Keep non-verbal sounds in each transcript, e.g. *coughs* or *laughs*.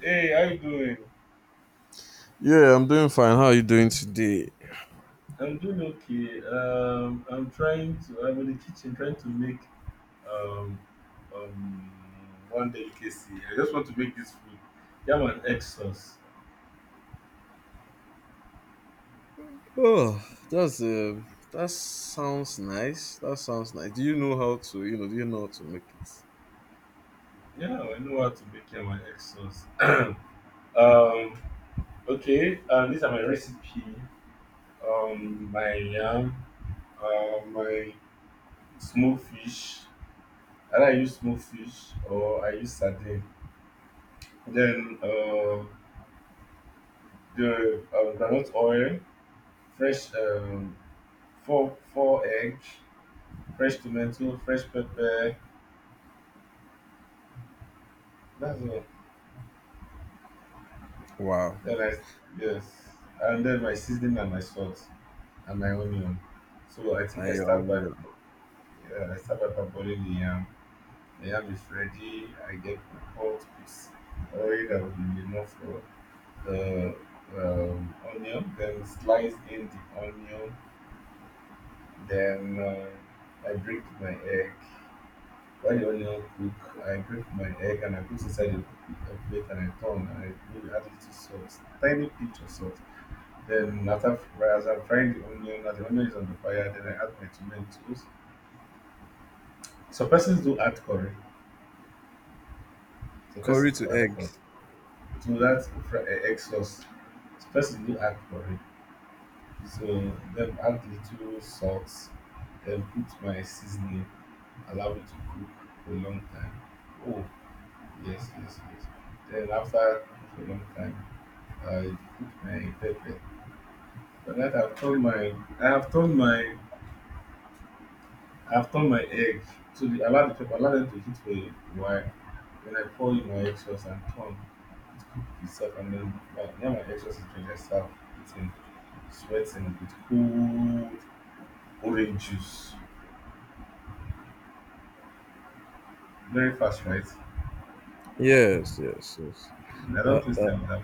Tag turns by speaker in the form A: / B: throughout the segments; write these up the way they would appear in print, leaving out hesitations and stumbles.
A: Hey, how you doing?
B: Yeah, I'm doing fine. How are you doing today?
A: I'm doing okay. I'm trying to. I'm in the kitchen trying to make um um one delicacy. I just want to make this food. Yam and egg sauce.
B: Oh, that sounds nice. That sounds nice. Do you know do you know how to make it?
A: Yeah, I know how to make yam and egg sauce. *coughs* *laughs* Um, okay. These are my recipe. My yam. My smoked fish. Either I use smoked fish or I use sardine. Then the granite oil fresh four eggs, fresh tomato, fresh pepper. That's all.
B: Wow.
A: Then I yes, and then my seasoning and my salt and my onion. So I think I
B: And your
A: start
B: own,
A: by
B: yeah.
A: yeah, I start by parboiling the yam. The yam is ready. I get the pot, piece oil that will be enough for the onion. Then slice in the onion. Then I break my egg. When the onion cook, I break my egg and I put inside a plate and I turn and I maybe add little salt, tiny pinch of salt. Then after fry, as I'm frying the onion, as the onion is on the fire, then I add my tomatoes. Some persons do add curry. Some
B: Curry
A: persons
B: to
A: do add
B: egg.
A: curry to that egg sauce. Some persons do add curry. So then add little salt, then put my seasoning, allow it to cook for a long time. Oh yes, yes, yes. Then after cook for a long time. I put my pepper. But that I've turned my I have turned my I've turned my egg to the allow the pepper allow them to heat for a while. Then I pour in my egg sauce and turn. It cooked itself and then now my egg sauce is ready. I serve eating, sweating with cold orange juice. Very fast, right?
B: Yes, yes, yes.
A: I don't
B: That
A: taste
B: that
A: them that.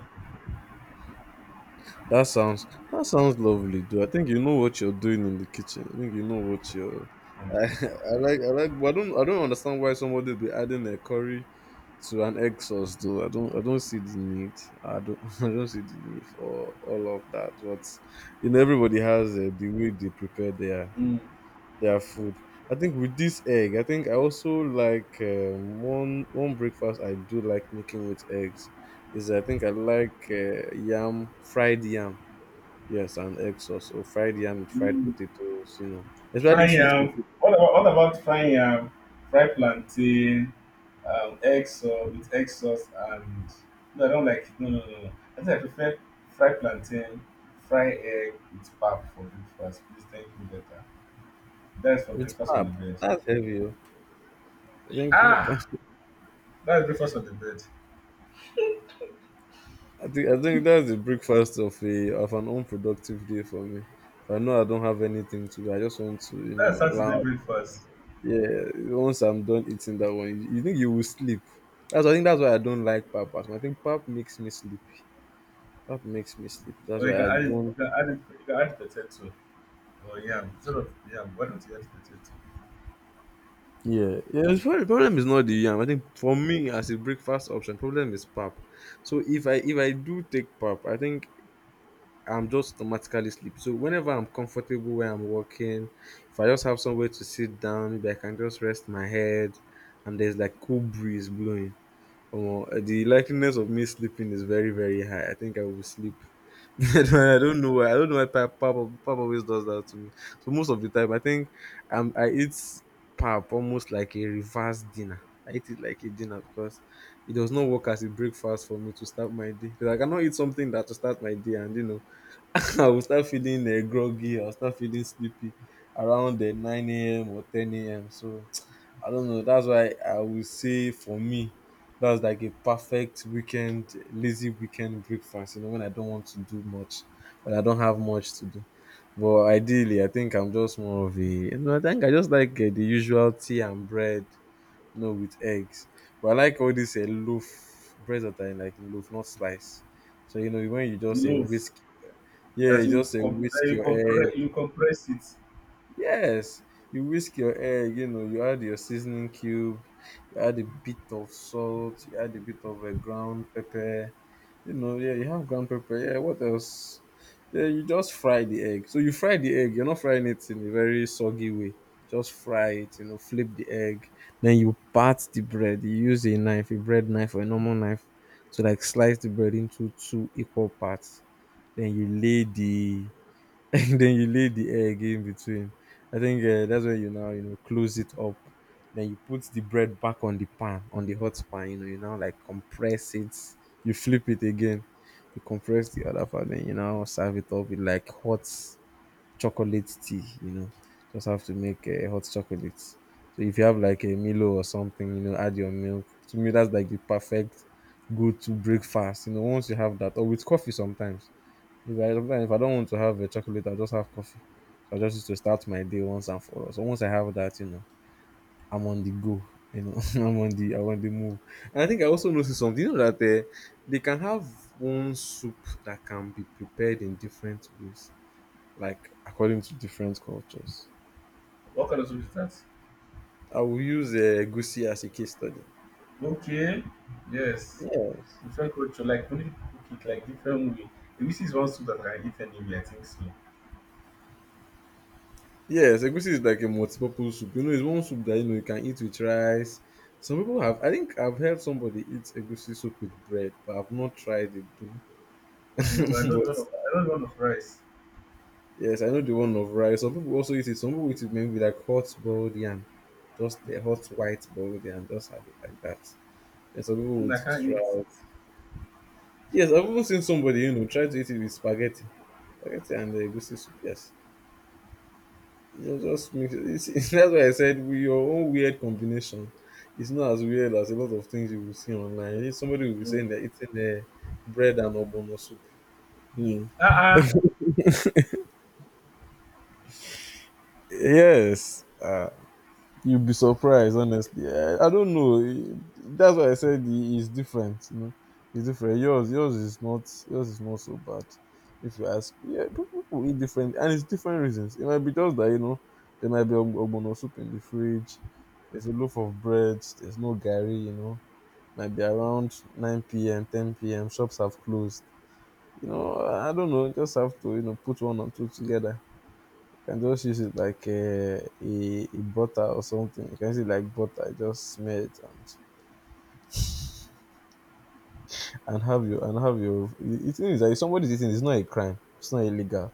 B: that sounds lovely, though. I think you know what you're doing in the kitchen. I think you know what you're. *laughs* I like. But I don't understand why somebody would be adding a curry to an exhaust, though. I don't I don't see the need. I don't *laughs* I don't see the need for all of that, but you know, everybody has the way they prepare their
A: Mm.
B: food. I think with this egg, I think I also like one breakfast I do like making with eggs is, I think I like yam fried yam, yes, and egg sauce. So fried yam with fried
A: Mm.
B: potatoes, you know,
A: Fry
B: especially sweet
A: yam.
B: potato
A: What about fry yam? Fry plantain. Egg sauce with egg sauce and no, I don't like it. No, no, no, no. I think I prefer fried plantain, fried egg with pap for breakfast. Please thank me later. That's for
B: with
A: breakfast on the
B: pap.
A: bed.
B: That's heavy, oh. I think
A: Ah,
B: *laughs*
A: that's breakfast on the bed.
B: I think that's the breakfast of an unproductive day for me. If I know I don't have anything to do, I just want to,
A: That's Saturday
B: lounge.
A: breakfast.
B: Yeah, once I'm done eating that one, you think you will sleep. That's I think that's why I don't like pap as much. I think pap makes me sleepy. Pap makes me sleepy. That's
A: Or
B: why I don't.
A: you can add potato or yam. Instead of yam, why don't you add potato?
B: Yeah, yeah. The problem is not the yam. I think for me as a breakfast option, problem is pap. So if I do take pap, I think I'm just automatically sleepy. So whenever I'm comfortable where I'm working, if I just have somewhere to sit down, maybe I can just rest my head and there's like cool breeze blowing. Or the likeliness of me sleeping is very, very high. I think I will sleep. *laughs* I don't know why. I don't know why pap always does that to me. So most of the time, I think I eat pap almost like a reverse dinner. I eat it like a dinner because it does not work as a breakfast for me to start my day. Because I cannot eat something that to start my day and you know *laughs* I will start feeling groggy. I will start feeling sleepy around 9 a.m. or 10 a.m. So *tsk* I don't know. That's why I will say for me, that's like a perfect weekend, lazy weekend breakfast. You know, when I don't want to do much, when I don't have much to do. But ideally, I think I'm just more of a. You know, I think I just like the usual tea and bread, you know, with eggs. But I like all this loaf breads that are in, like loaf, not slice. So you know, when you just
A: Loaf
B: whisk, yeah, you just say
A: that
B: whisk
A: you
B: your
A: compress
B: egg.
A: you compress it.
B: Yes, you whisk your egg. You know, you add your seasoning cube, you add a bit of salt, you add a bit of a ground pepper. You know, yeah, you have ground pepper. Yeah, what else? Yeah, you just fry the egg. So you fry the egg. You're not frying it in a very soggy way. Just fry it. You know, flip the egg. Then you part the bread. You use a knife, a bread knife or a normal knife, to like slice the bread into two equal parts. Then you lay the *laughs* then you lay the egg in between. I think that's where you now you know close it up. Then you put the bread back on the pan on the hot pan. You know you now like compress it. You flip it again. You compress the other part. Then you now serve it up with like hot chocolate tea. You know, just have to make hot chocolate. So if you have like a Milo or something, you know, add your milk. To me, that's like the perfect go-to breakfast. You know, once you have that, or with coffee sometimes, if I sometimes if I don't want to have a chocolate, I just have coffee. So I just used to start my day once and for all. So once I have that, you know, I'm on the go. You know, *laughs* I'm on the move. And I think I also noticed something. You know that they can have one soup that can be prepared in different ways, like according to different cultures.
A: What kind of soup is that?
B: I will use goosey as a case study.
A: Okay. Yes.
B: Yes.
A: Different culture, like when you cook it like different way. This is one soup that I can eat anyway, I think so.
B: Yes, egusi is like a multi-purpose soup. You know, it's one soup that you know you can eat with rice. Some people have. I think I've heard somebody eat egusi soup with bread, but I've not tried it though. *laughs*
A: Mm, but I don't
B: But
A: want of, I don't want of rice.
B: yes, I know the one of rice. Some people also eat it. Some people eat it maybe with like hot boiled yam, just a hot white boiled yam. Just have it like that. And some people would
A: Mm,
B: eat
A: I
B: it
A: can't
B: with rice.
A: eat.
B: Yes, I've even seen somebody you know try to eat it with spaghetti and egusi soup. Yes. It just makes *laughs* that's why I said with your own weird combination. It's not as weird as a lot of things you will see online. If somebody will be
A: Mm.
B: saying they're eating bread and obono soup. You know.
A: Uh-uh.
B: *laughs* Yes. You would be surprised, honestly. I don't know. That's why I said it's different. You know, it's different. Yours is not. Yours is not so bad. If you ask, yeah, people eat different, and it's different reasons. It might be just that you know there might be ogbono soup in the fridge. There's a loaf of bread. There's no gari. You know, might be around 9 p.m., 10 p.m. Shops have closed. You know, I don't know. Just have to you know put one and two together. You can just use it like a butter or something. You can use it like butter, just smear it and have your. The thing is that if somebody's eating, it's not a crime. It's not illegal,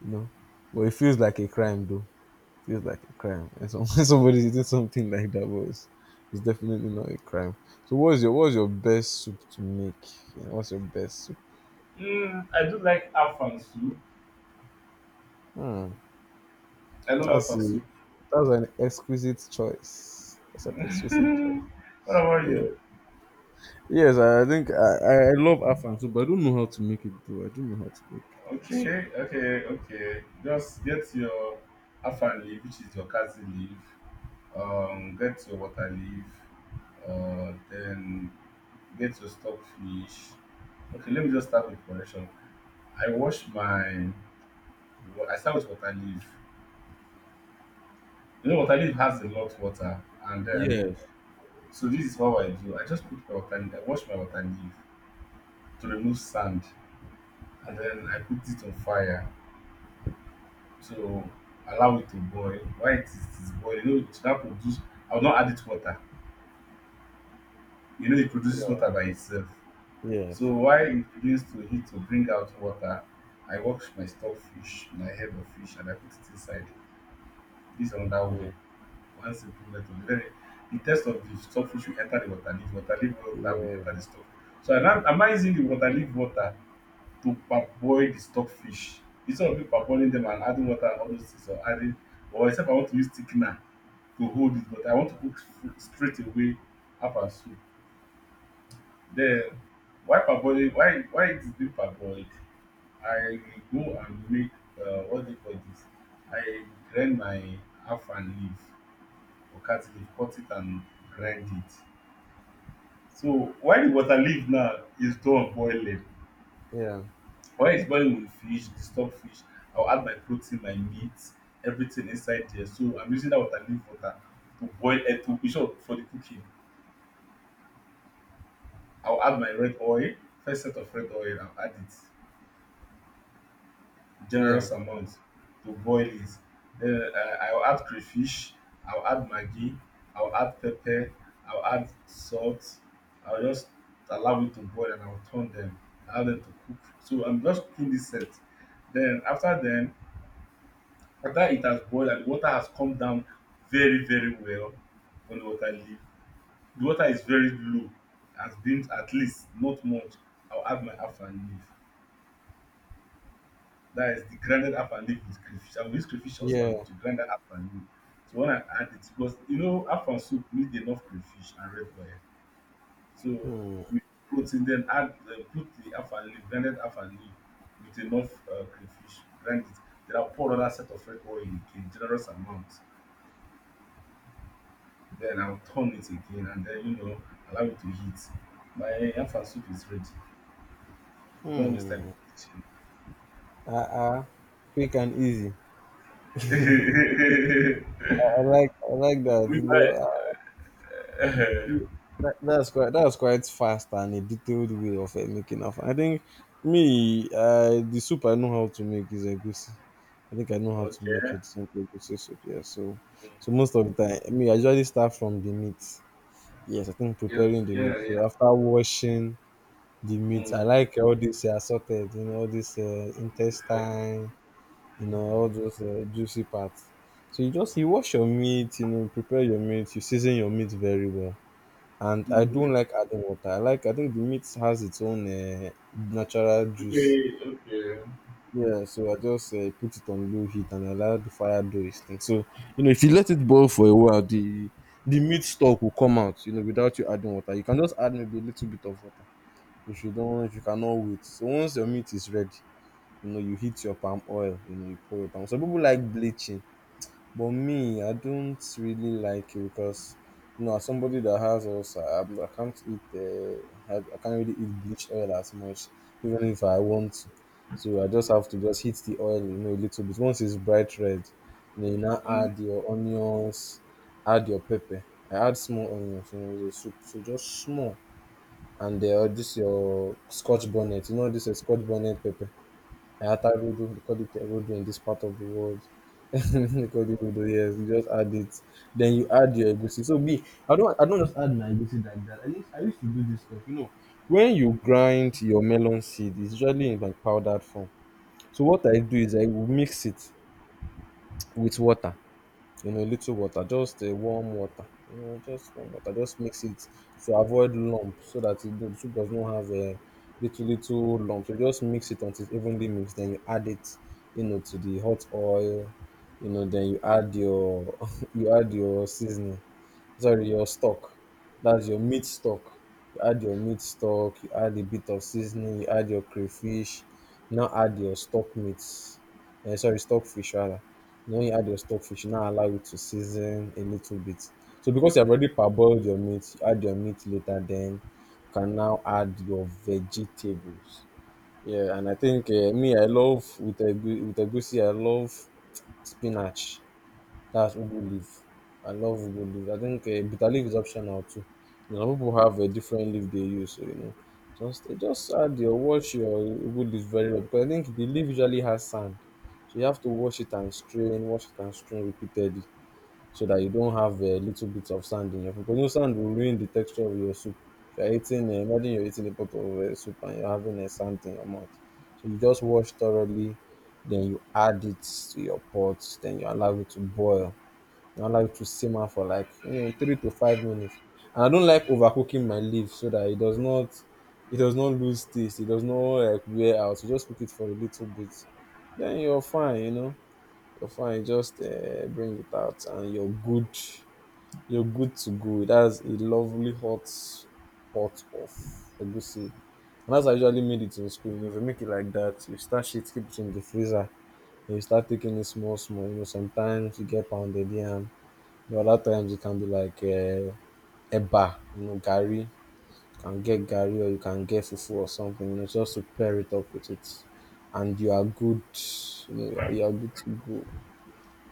B: you know. But it feels like a crime, though. It feels like a crime. And some, *laughs* somebody's eating something like that, but it's definitely not a crime. So what's your best soup to make? You know, what's your best soup?
A: Mm, I do like afan soup.
B: Hmm.
A: I love
B: That's
A: afan
B: a,
A: soup.
B: that's an exquisite choice. That's an
A: *laughs*
B: exquisite choice.
A: what about
B: Yeah.
A: you?
B: Yes, I love Afang soup, but I don't know how to make it though. I don't know how to make this soup.
A: Okay, okay, okay. Just get your afan leaf, which is your kazi leaf. Get your water leaf, then get your stockfish. Okay, let me just start with correction. I wash my, wa- I start with water leaf. You know, water leaf has a lot water, and then
B: Yes,
A: so this is how I do. I just put my water leaf. I wash my water leaf to remove sand, and then I put it on fire to allow it to boil. It is boiling? You know, it should not produce. I will not add it water. You know, it produces water by itself.
B: yes,
A: So while it begins to heat to bring out water, I wash my stock fish, my head of fish, and I put it inside. This is another way.
B: mm,
A: One simple method. Then the taste of the stock fish will enter the water leaf. Water leaf water will enter
B: yeah,
A: the stock. So I'm not using the water leaf water to parboil the stock fish. Instead of me parboiling them and adding water and all those things or adding, or except I want to use thickener to hold it, but I want to cook straight away up and soup. Then why parboiling? Why it is being parboiled? I will go and make what do you call this, I grind my afang leaf or cat leaf, cut it and grind it. So while the water leaf now is done boiling,
B: yeah,
A: when it's boiling with fish, the stock fish, I'll add my protein, my meat, everything inside there. So I'm using that water leaf water to boil to be sure for the cooking. I'll add my red oil, first set of red oil, I'll add it.
B: yeah,
A: Generous amount to boil it. Then I'll add crayfish, I'll add Maggi, I'll add pepper, I'll add salt. I'll just allow it to boil and I'll turn them, allow them to cook. So I'm just cooking this set. Then, after it has boiled and the water has come down very, very well from the water leaf, the water is very low, has been at least not much. I'll add my half and leaf. That is the grinded up and leaf with crayfish. I will use crayfish also
B: yeah.
A: and to grind that up and leaf. So when I add it, because you know, afang soup need enough crayfish and red wine. So
B: Hmm.
A: we put in then add put the afang leaf, blended afang leaf with enough crayfish, grind it. Then I'll pour another set of red oil in again, generous amount. Then I'll turn it again and then you know allow it to heat. My afang soup is ready. You don't waste time.
B: Mm. Uh, uh, Quick and easy.
A: *laughs* in the kitchen.
B: I like
A: *laughs*
B: that.
A: we
B: You know,
A: buy.
B: y- y-
A: *laughs*
B: that's quite fast and a detailed way of making afang. I think me, the soup I know how to make is egusi. I think I know how to make
A: okay.
B: a decent egusi soup. Yeah, so most of the time, me I usually start from the meat. Yes, I think
A: Yes,
B: preparing the meat.
A: yeah,
B: So
A: yeah.
B: after washing the meat, I
A: Mm,
B: like all this assorted, you know, all this
A: okay,
B: intestine, you know, all
A: okay.
B: those juicy parts. So you wash your meat, you know, prepare your meat, you season your meat very well, and I don't
A: Mm,
B: like adding water. I think the meat has its own natural juice.
A: okay, okay.
B: Yeah, so I just put it on low heat and allow the fire do its thing. So you know, if you let it boil for a while, the meat stock will come out. You know, without you adding water, you can just add maybe a little bit of water if you cannot wait. So once your meat is ready, you know, you heat your palm oil. You know, you pour your palm. Some people like bleaching. But me, I don't really like it because you know, as somebody that has also, I can't eat. I can't really eat bleach oil as much, even if I want to. So I just have to just heat the oil, you know, a little bit. Once it's bright red, you know, you now
A: Mm,
B: add your onions, add your pepper. I add small onions, you know, the soup, so just small. And this your Scotch bonnet, you know, this is Scotch bonnet pepper. Ayata Rodo, they call it a Rodo in this part of the world. *laughs* They call it Rodo, yes. You just add it. Then you add your egusi. So me, I don't just egusi like that. I used to do this stuff. You know, when you grind your melon seed, it's usually in like powdered form. So what I do is I will mix it with water, you know, little water, just a warm water, you know, just warm water, just mix it to avoid lump so that it, the soup does not have a little little lump, so just mix it until it's evenly mixed, then you add it, you know, to the hot oil, you know, then you add your *laughs* you add your seasoning, sorry, your stock. That's your meat stock. You add your meat stock, you add a bit of seasoning, you add your crayfish, now add your stock meats. Eh, sorry, stockfish rather. Now you add your stockfish, you now allow it to season a little bit. So because you have already parboiled your meat, you add your meat later, then you can now add your vegetables. Yeah, and I think me, I love with a goosey, I love spinach. That's ugu leaf. I love ugu leaf. I think bitter leaf is optional too. You know, people have a different leaf they use, so you know, just just add your wash your ugu leaf very well because I think the leaf usually has sand, so you have to wash it and strain, wash it and strain repeatedly so that you don't have a little bit of sand in your food. Because you know, sand will ruin the texture of your soup. If you're eating, imagine you're eating a pot of soup and you're having a sand in your mouth. So you just wash thoroughly, then you add it to your pot, then you allow it to boil. I allow it to simmer for like 3 to 5 minutes. And I don't like overcooking my leaf so that it does not lose taste. It does not like wear out. You just cook it for a little bit. Then you're fine, you know. You're fine. Just bring it out and you're good. You're good to go. That's a lovely hot pot of egusi. And that's how I usually made it in school. You know, if you make it like that, you stash it, keep it in the freezer, and you start taking it small, small. You know, sometimes you get pounded yam, but other times it can be like eba, you know, gari. You can get gari or you can get fufu or something, you know, just to pair it up with it. And you are good, you know, you are good to go.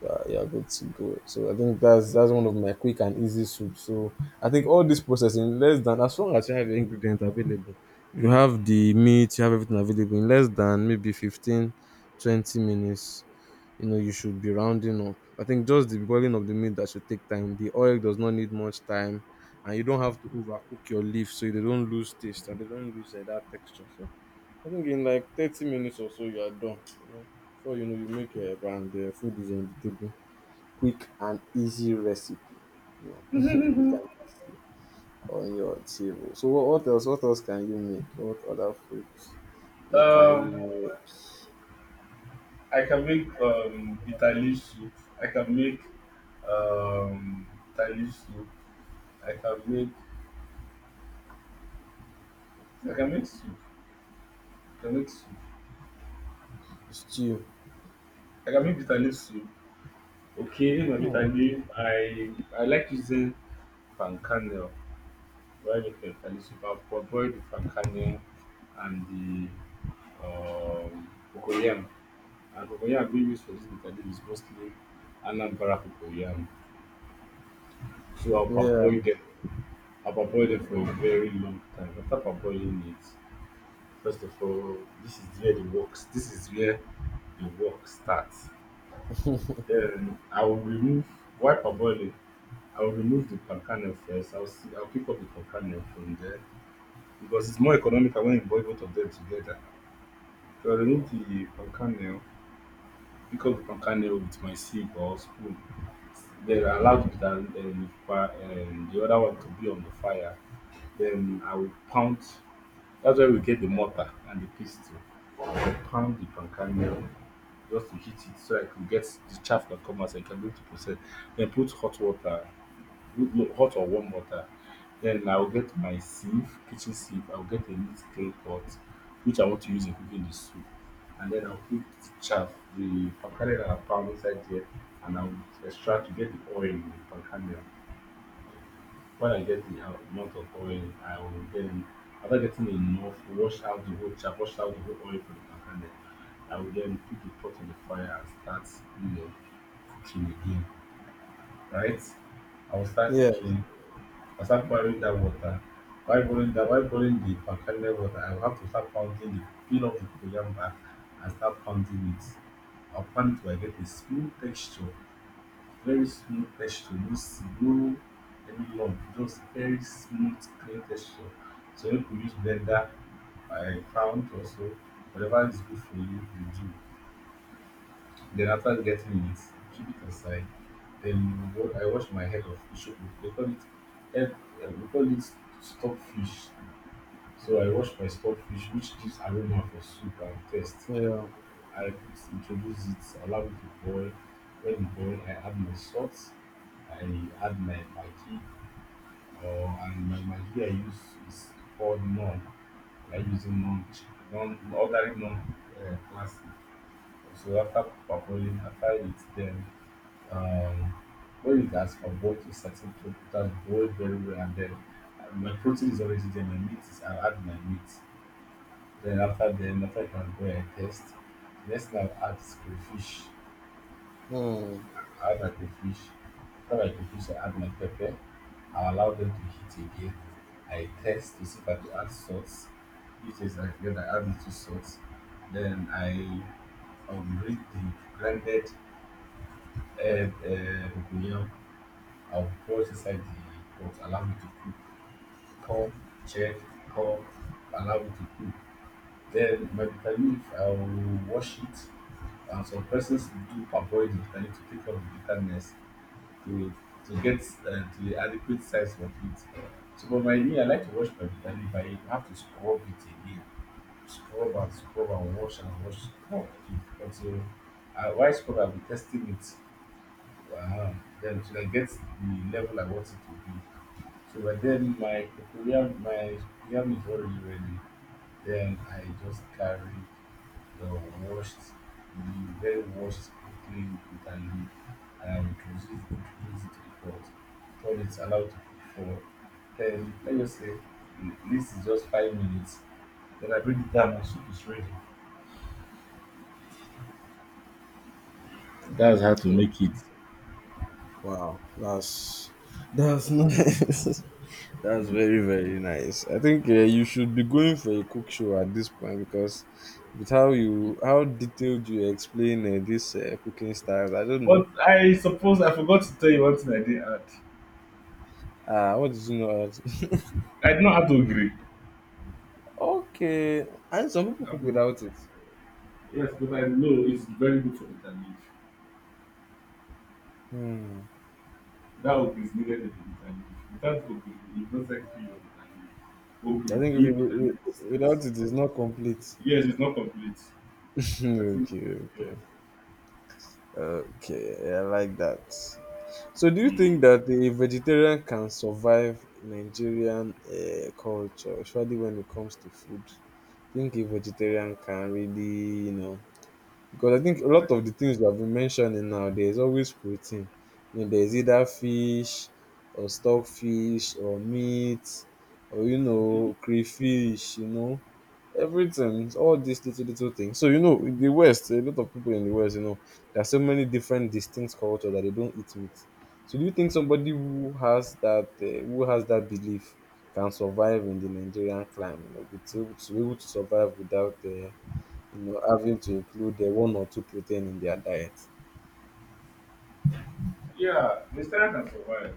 B: You are good to go. So I think that's one of my quick and easy soups. So I think all this process in less than, as long as you have your ingredients available, you
A: mm.
B: have the meat, you have everything available in less than maybe 15, 20 minutes, you know, you should be rounding up. I think just the boiling of the meat that should take time. The oil does not need much time, and you don't have to overcook your leaf so they don't lose taste and they don't lose that texture. So I think in like 30 minutes or so you are done. You know, before you know you make your eba and the food is on the table. Quick and easy recipe. You know, *laughs* quick and easy on your table. So what else? What else can you make? What other foods? You know, can you
A: Um,
B: make
A: I can make bitter leaf soup. I can make um bitter leaf soup. I can make I can make soup. I can make soup.
B: stew?
A: I can make bitter leaf soup. Okay, my bitter
B: Oh,
A: leaf. I like using palm kernel. Why make my bitter leaf soup? I'll boil the palm kernel and the um cocoyam and cocoyam being used for this bitter leaf is mostly Anambra cocoyam. So I'll
B: yeah,
A: parboil them. I'll parboil them for a very long time. After parboiling it, first of all, this is where the works. This is where the work starts. Then I will remove while parboiling. I will remove the palm kernel first. I'll pick up the palm kernel from there because it's more economical when you boil both of them together. So I remove the palm kernel we the from Kano with my sieve or spoon. Then I allow the other one to be on the fire. Then I will pound. That's where we get the mortar and the pestle. I will pound the pancake just to heat it so I could get the chaff that come out, so I can be able to process. Then put hot water no, hot or warm water. Then I'll get my sieve, kitchen sieve. I'll get a neat clean pot, which I want to use in cooking the soup. And then I'll put chaff, the palm kernel and palm inside there, and I'll extract to get the oil in the palm kernel. When I get the amount of oil, I will then, after getting enough, wash out the whole chaff, wash out the whole oil from the palm kernel. I will then put the pot on the fire and start, you know, cooking again, right? I will start
B: yes,
A: cooking I start boiling dat water. While boiling the palm kernel water, I will have to start pounding the peel off the cocoyam back and start pounding it. I will pound it till I get a smooth texture, very smooth texture, no any lump, just very smooth clean texture. So make we use blender pound or so, whatever is good for you, you do. Then after getting it, keep it aside. Then I wash my head of fish. They call it, head- eh, we call it stockfish. So I wash my stockfish, which gives aroma for soup and taste.
B: yeah.
A: I introduce it, allow it to boil. When it boil, I add my salt. I add my maggi, or and my maggi I use is called non. I using non, non ordinary non classic. So after parboiling, after it's done, um, when it has converged to a certain protein, it boiled very well, and then my protein is already there, my meat is, I'll add my meat. Then, after I can go and test, the next thing I'll add is crayfish.
B: Hmm.
A: I add my crayfish. After my crayfish, I add my pepper. I allow them to heat again. I test to see if I could add salt. If it's like then I add little salt. Then I read the blended herb, cocoyam I'll cross inside the pot, allow it to cook. Come, check, come, allow it to cook. Then my bitter leaf, I'll wash it. And some persons do parboil the bitter leaf to take off the bitterness to to get to the adequate size of it. So for my me, I like to wash my bitter leaf. I have to scrub it again, scrub and scrub and wash, scrub to until while scrub I'll be testing it. Uh, then till I get the level I want it to be. So but then my cocoyam my yam is already ready. Then I just carried the washed the very washed and clean with a leaf and I introduced it to the pot. Told it's allowed to cook for 10, let's say this is just 5 minutes. Then I bring it down and soup is ready. That's how to make it.
B: Wow, that's *laughs* nice. That's very very nice. I think you should be going for a cook show at this point because with how detailed you explain this cooking styles, I don't know.
A: But I suppose I forgot to tell you one thing I did add.
B: Ah, what did you know about- it?
A: I did not have to agree.
B: *laughs* okay, and some people cook
A: Um,
B: without it.
A: yes, but I know it's very good for vitamin.
B: Hmm.
A: That hope is needed every. Without hope, it does not feel your vitamin. Hope
B: I
A: will
B: think if you,
A: give vitamin
B: without
A: steps.
B: it, it's not complete.
A: Yes, it's not complete.
B: *laughs*
A: I think,
B: okay,
A: yes.
B: okay, okay. I like that. So do you
A: Mm.
B: think that a vegetarian can survive Nigerian culture, especially when it comes to food? Think a vegetarian can really, you know, because I think a
A: But,
B: lot of the things you have been mentioning now, there's always protein. You know, there's either fish or stockfish or meat or, you
A: mm,
B: know, crayfish, you know, everything, all these little little things. So you know, in the west a lot of people, in the west, you know, there are so many different distinct cultures that they don't eat meat. So do you think somebody who has that belief can survive in the Nigerian climate, you know, with able to be able to survive without you know, having to include one or two protein in their diet?
A: yeah, the Nigerian can survive.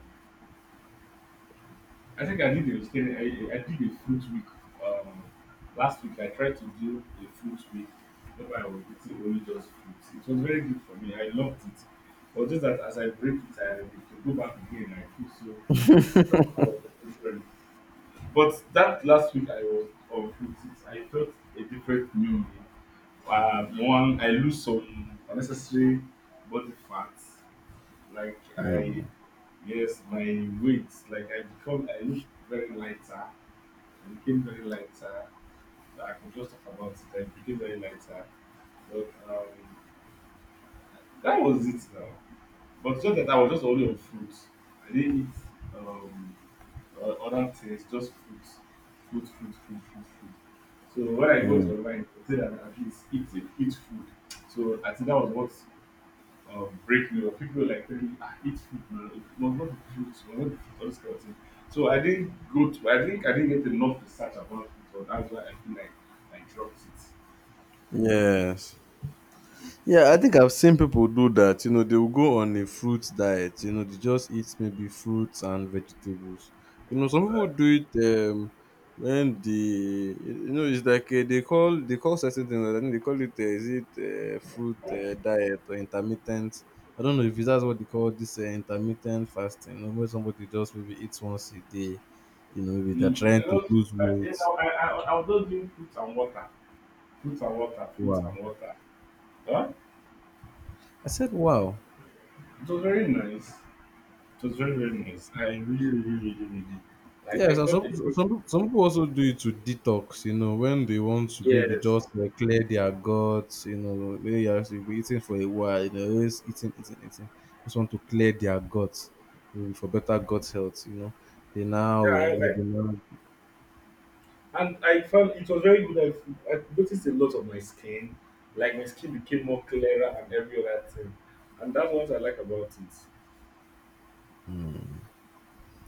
A: I think I did a vegetarian. I did a fruit week um, last week. I tried to do a fruit week, whereby I was eating only just fruits. It was very good for me. I loved it. But just that as I break it, I have to go back again. I feel so somehow. But that last week I was on fruities, I felt a different new me. One, I lose some unnecessary body fat. Like I, yes, my weight. Like I become, I look very lighter. I became very lighter. I could just talk about it. I became very lighter. But that was it now. But just that I was just only on fruit. I didn't eat other things, just fruit. Fruit, fruit, fruit, fruit, fruit. So when I go to
B: Mm.
A: online, I say that at least eat it, eat food. So I think that was what break me up. People were like telling me, ah, eat food, man. It was not the fruit, it was not the fruit, all this kind of thing. So I didn't go to, I think I didn't get enough research about it, so that's why I feel like I dropped it.
B: Yes. Yeah, I think I've seen people do that. You know, they will go on a fruit diet. You know, they just eat maybe fruits and vegetables. You know, some people
A: But,
B: do it when the, you know, it's like they call certain things. I think they call it is it fruit diet or intermittent. I don't know if it's that's what they call this intermittent fasting. You know, where somebody just maybe eats once a day. You know, maybe they're
A: mm, you
B: trying to
A: know,
B: lose weight.
A: I was just doing fruits and water. Fruit and water, fruit
B: Wow,
A: and water. Huh?
B: I said wow.
A: It was very nice. It was very, very nice. I really, really, really, really like
B: Yes,
A: I
B: and
A: felt
B: some
A: a different
B: some some people also do it to detox. You know, when they want to maybe
A: yes.
B: just like, clear their guts. You know, maybe you have to eating for a while. You know, always eating, eating, eating. Just want to clear their guts, maybe for better gut health. You know, they
A: Yeah,
B: now eh,
A: I,
B: maybe now.
A: I and I felt it was very good. I noticed a lot of my skin. Like my skin became more clearer and every other thing. And that's what I like about it.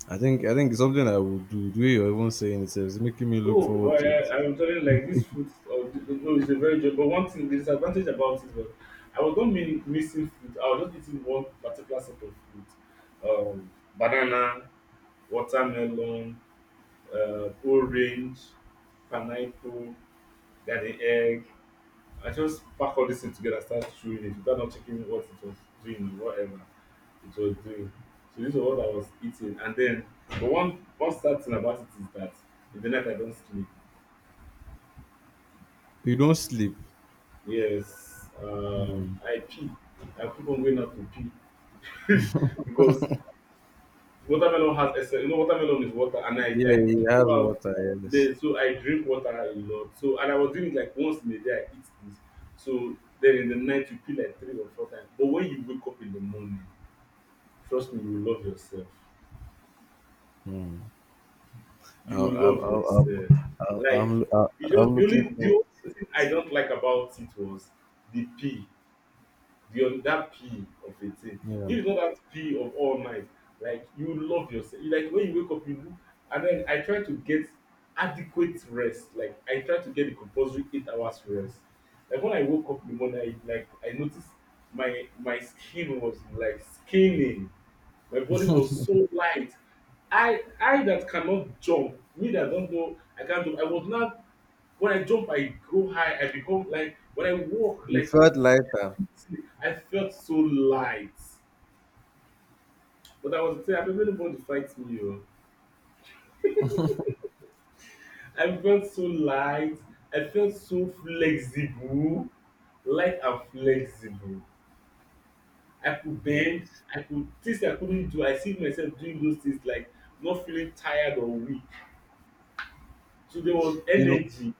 B: I think it's something I would do. The way you're even saying it is making me look
A: Oh, well,
B: forward to it.
A: I'm telling you, like this fruit, or no, it's a very good. But one thing, the disadvantage about it was I was not mean missing fruit. I was just eating one particular sort of fruit, banana, watermelon, orange, pineapple, garden egg. I just pack all this thing together and start chewing it without not checking what it was doing or whatever it was doing. So this was what I was eating. And then but one sad thing about it is that in the night I don't sleep.
B: You don't sleep.
A: Yes. I pee. I keep on going out to pee *laughs* because watermelon has essence. You know, watermelon is water, and I
B: Yeah,
A: like
B: he has
A: throughout
B: water. Yes.
A: the so I drink water a lot. So and I was doing it like once in a day. I eat this. So then in the night you pee like 3 or 4 times. But when you wake up in the morning, trust me, you will love yourself.
B: Hmm.
A: You
B: I'll,
A: will
B: I'll,
A: love
B: I'll,
A: yourself. Like you
B: I'm
A: just the only
B: looking
A: the
B: forward
A: only
B: to it.
A: thing I don't like about it was the pee. The that P of a thing.
B: Yeah.
A: If not that P of all night, like you love yourself. You, like when you wake up, you look, and then I try to get adequate rest. Like I try to get the compulsory 8 hours rest. Like when I woke up in the morning, I like I noticed my skin was like skinning. My body was so light. I that cannot jump, me that don't know, I can't jump. I was not when I jump, I go high. I become like when I walk,
B: We
A: like you
B: felt lighter.
A: feel, I felt so light. But I was saying, I don't anybody fight me. Oh. I felt so light. I felt so flexible. Light and flexible. I could bend.
B: Yes.
A: I could things I couldn't do. I see myself doing those things like not feeling tired or weak. So there was
B: You know,
A: energy,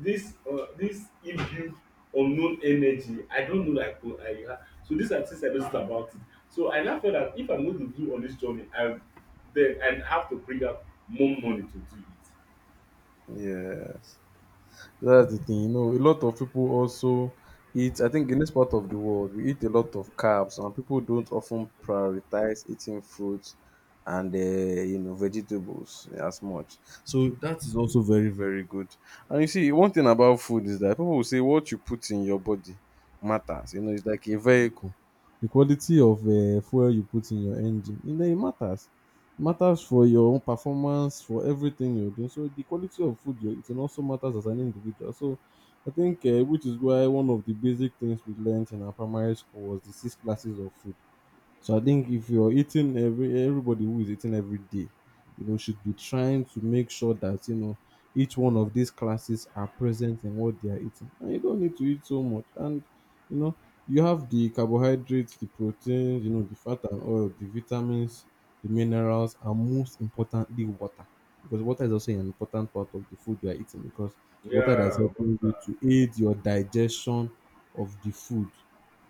A: this this inbuilt unknown energy. I don't know like oh, I ha so these are things I noticed about it. So I now felt that if I'm going to do on this journey, I then I have to bring out more money to do it.
B: yes. That's the thing. You know, a lot of people also eat, I think in this part of the world, we eat a lot of carbs, and people don't often prioritize eating fruits and, you know, vegetables as much. So that is also very, very good. And you see, one thing about food is that people will say what you put in your body matters. You know, it's like a vehicle. The quality of fuel you put in your engine, you know, it matters. Matters for your own performance, for everything you're doing. So the quality of food you're eating also matters as an individual. So I think which is why one of the basic things we learned in our primary school was the six classes of food. So I think if you're eating everybody who is eating every day, you know, should be trying to make sure that you know each one of these classes are present in what they are eating. And you don't need to eat so much. And you know, you have the carbohydrates, the proteins, you know, the fat and oil, the vitamins, the minerals, and most importantly, water. Because water is also an important part of the food you are eating because it's water that is
A: Yeah. What's
B: helping you
A: that?
B: to aid your digestion of the food,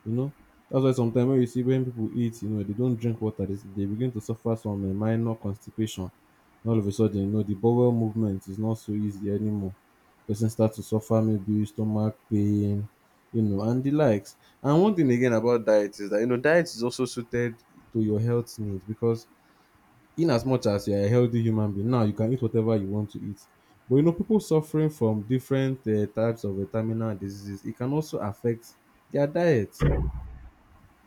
B: you know. That's why sometimes when you see when people eat, you know, they don't drink water, they begin to suffer from a minor constipation. And all of a sudden, you know, the bowel movement is not so easy anymore. Person starts to suffer maybe stomach pain, you know, and the likes. And one thing again about diet is that, you know, diet is also suited to your health needs because in as much as you're a healthy human being, now you can eat whatever you want to eat. But, you know, people suffering from different types of terminal diseases, it can also affect their diet.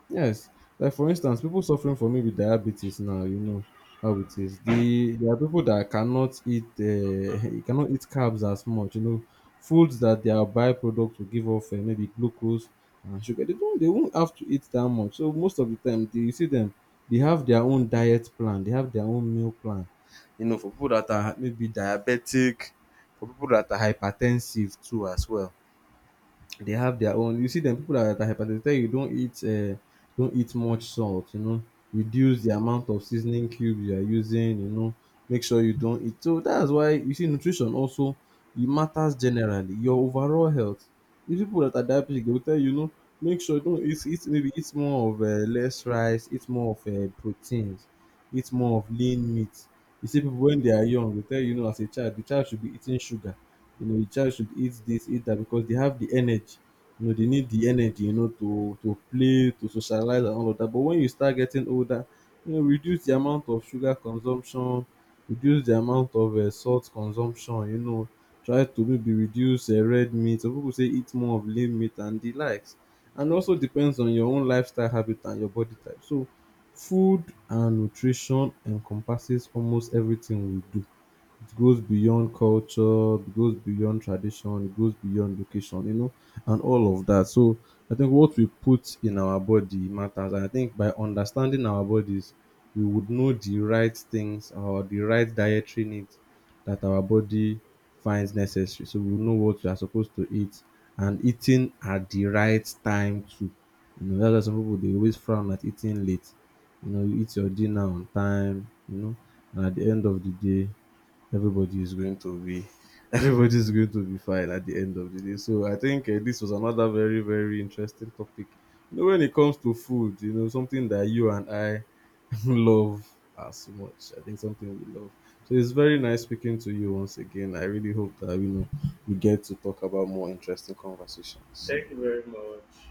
B: Yes, like for instance, people suffering from maybe diabetes now, you know how it is. There are people that cannot eat, *laughs* you cannot eat carbs as much. You know, foods that their byproduct will give off maybe glucose and sugar. They don't, they won't have to eat that much. So most of the time, they, you see them, they have their own diet plan, they have their own meal plan. You know, for people that are maybe diabetic, for people that are hypertensive too as well. They have their own, you see them, people that are hypertensive tell you don't eat much salt, you know, reduce the amount of seasoning cubes you are using, you know, make sure you don't eat. So that's why you see nutrition also it matters generally. Your overall health. These people that are diabetic, they will tell you, you know, make sure you don't eat more of less rice, eat more of proteins, eat more of lean meat. You see people when they are young, they tell you, you know, as a child, the child should be eating sugar, you know, a child should eat this, eat that because they have the energy. You know, they need the energy, you know, to play, to socialize and all of that. But when you start getting older, you know, reduce the amount of sugar consumption, reduce the amount of salt consumption, you know, try to maybe reduce red meat. Some people say eat more of lean meat and the likes. And also depends on your own lifestyle habit and your body type. So food and nutrition encompasses almost everything we do. It goes beyond culture, it goes beyond tradition, it goes beyond location, you know, and all of that. So I think what we put in our body matters. And I think by understanding our bodies, we would know the right things or the right dietary needs that our body finds necessary. So we know what we are supposed to eat, and eating at the right time too. You know, that's why some people they always frown at eating late. You know, you eat your dinner on time, you know, and at the end of the day, everybody is going to be *laughs* everybody is going to be fine at the end of the day. So I think this was another very very interesting topic. You know, when it comes to food, you know, something that you and I *laughs* love as much. I think something we love. So it's very nice speaking to you once again. I really hope that you know we get to talk about more interesting conversations.
A: Thank you very much.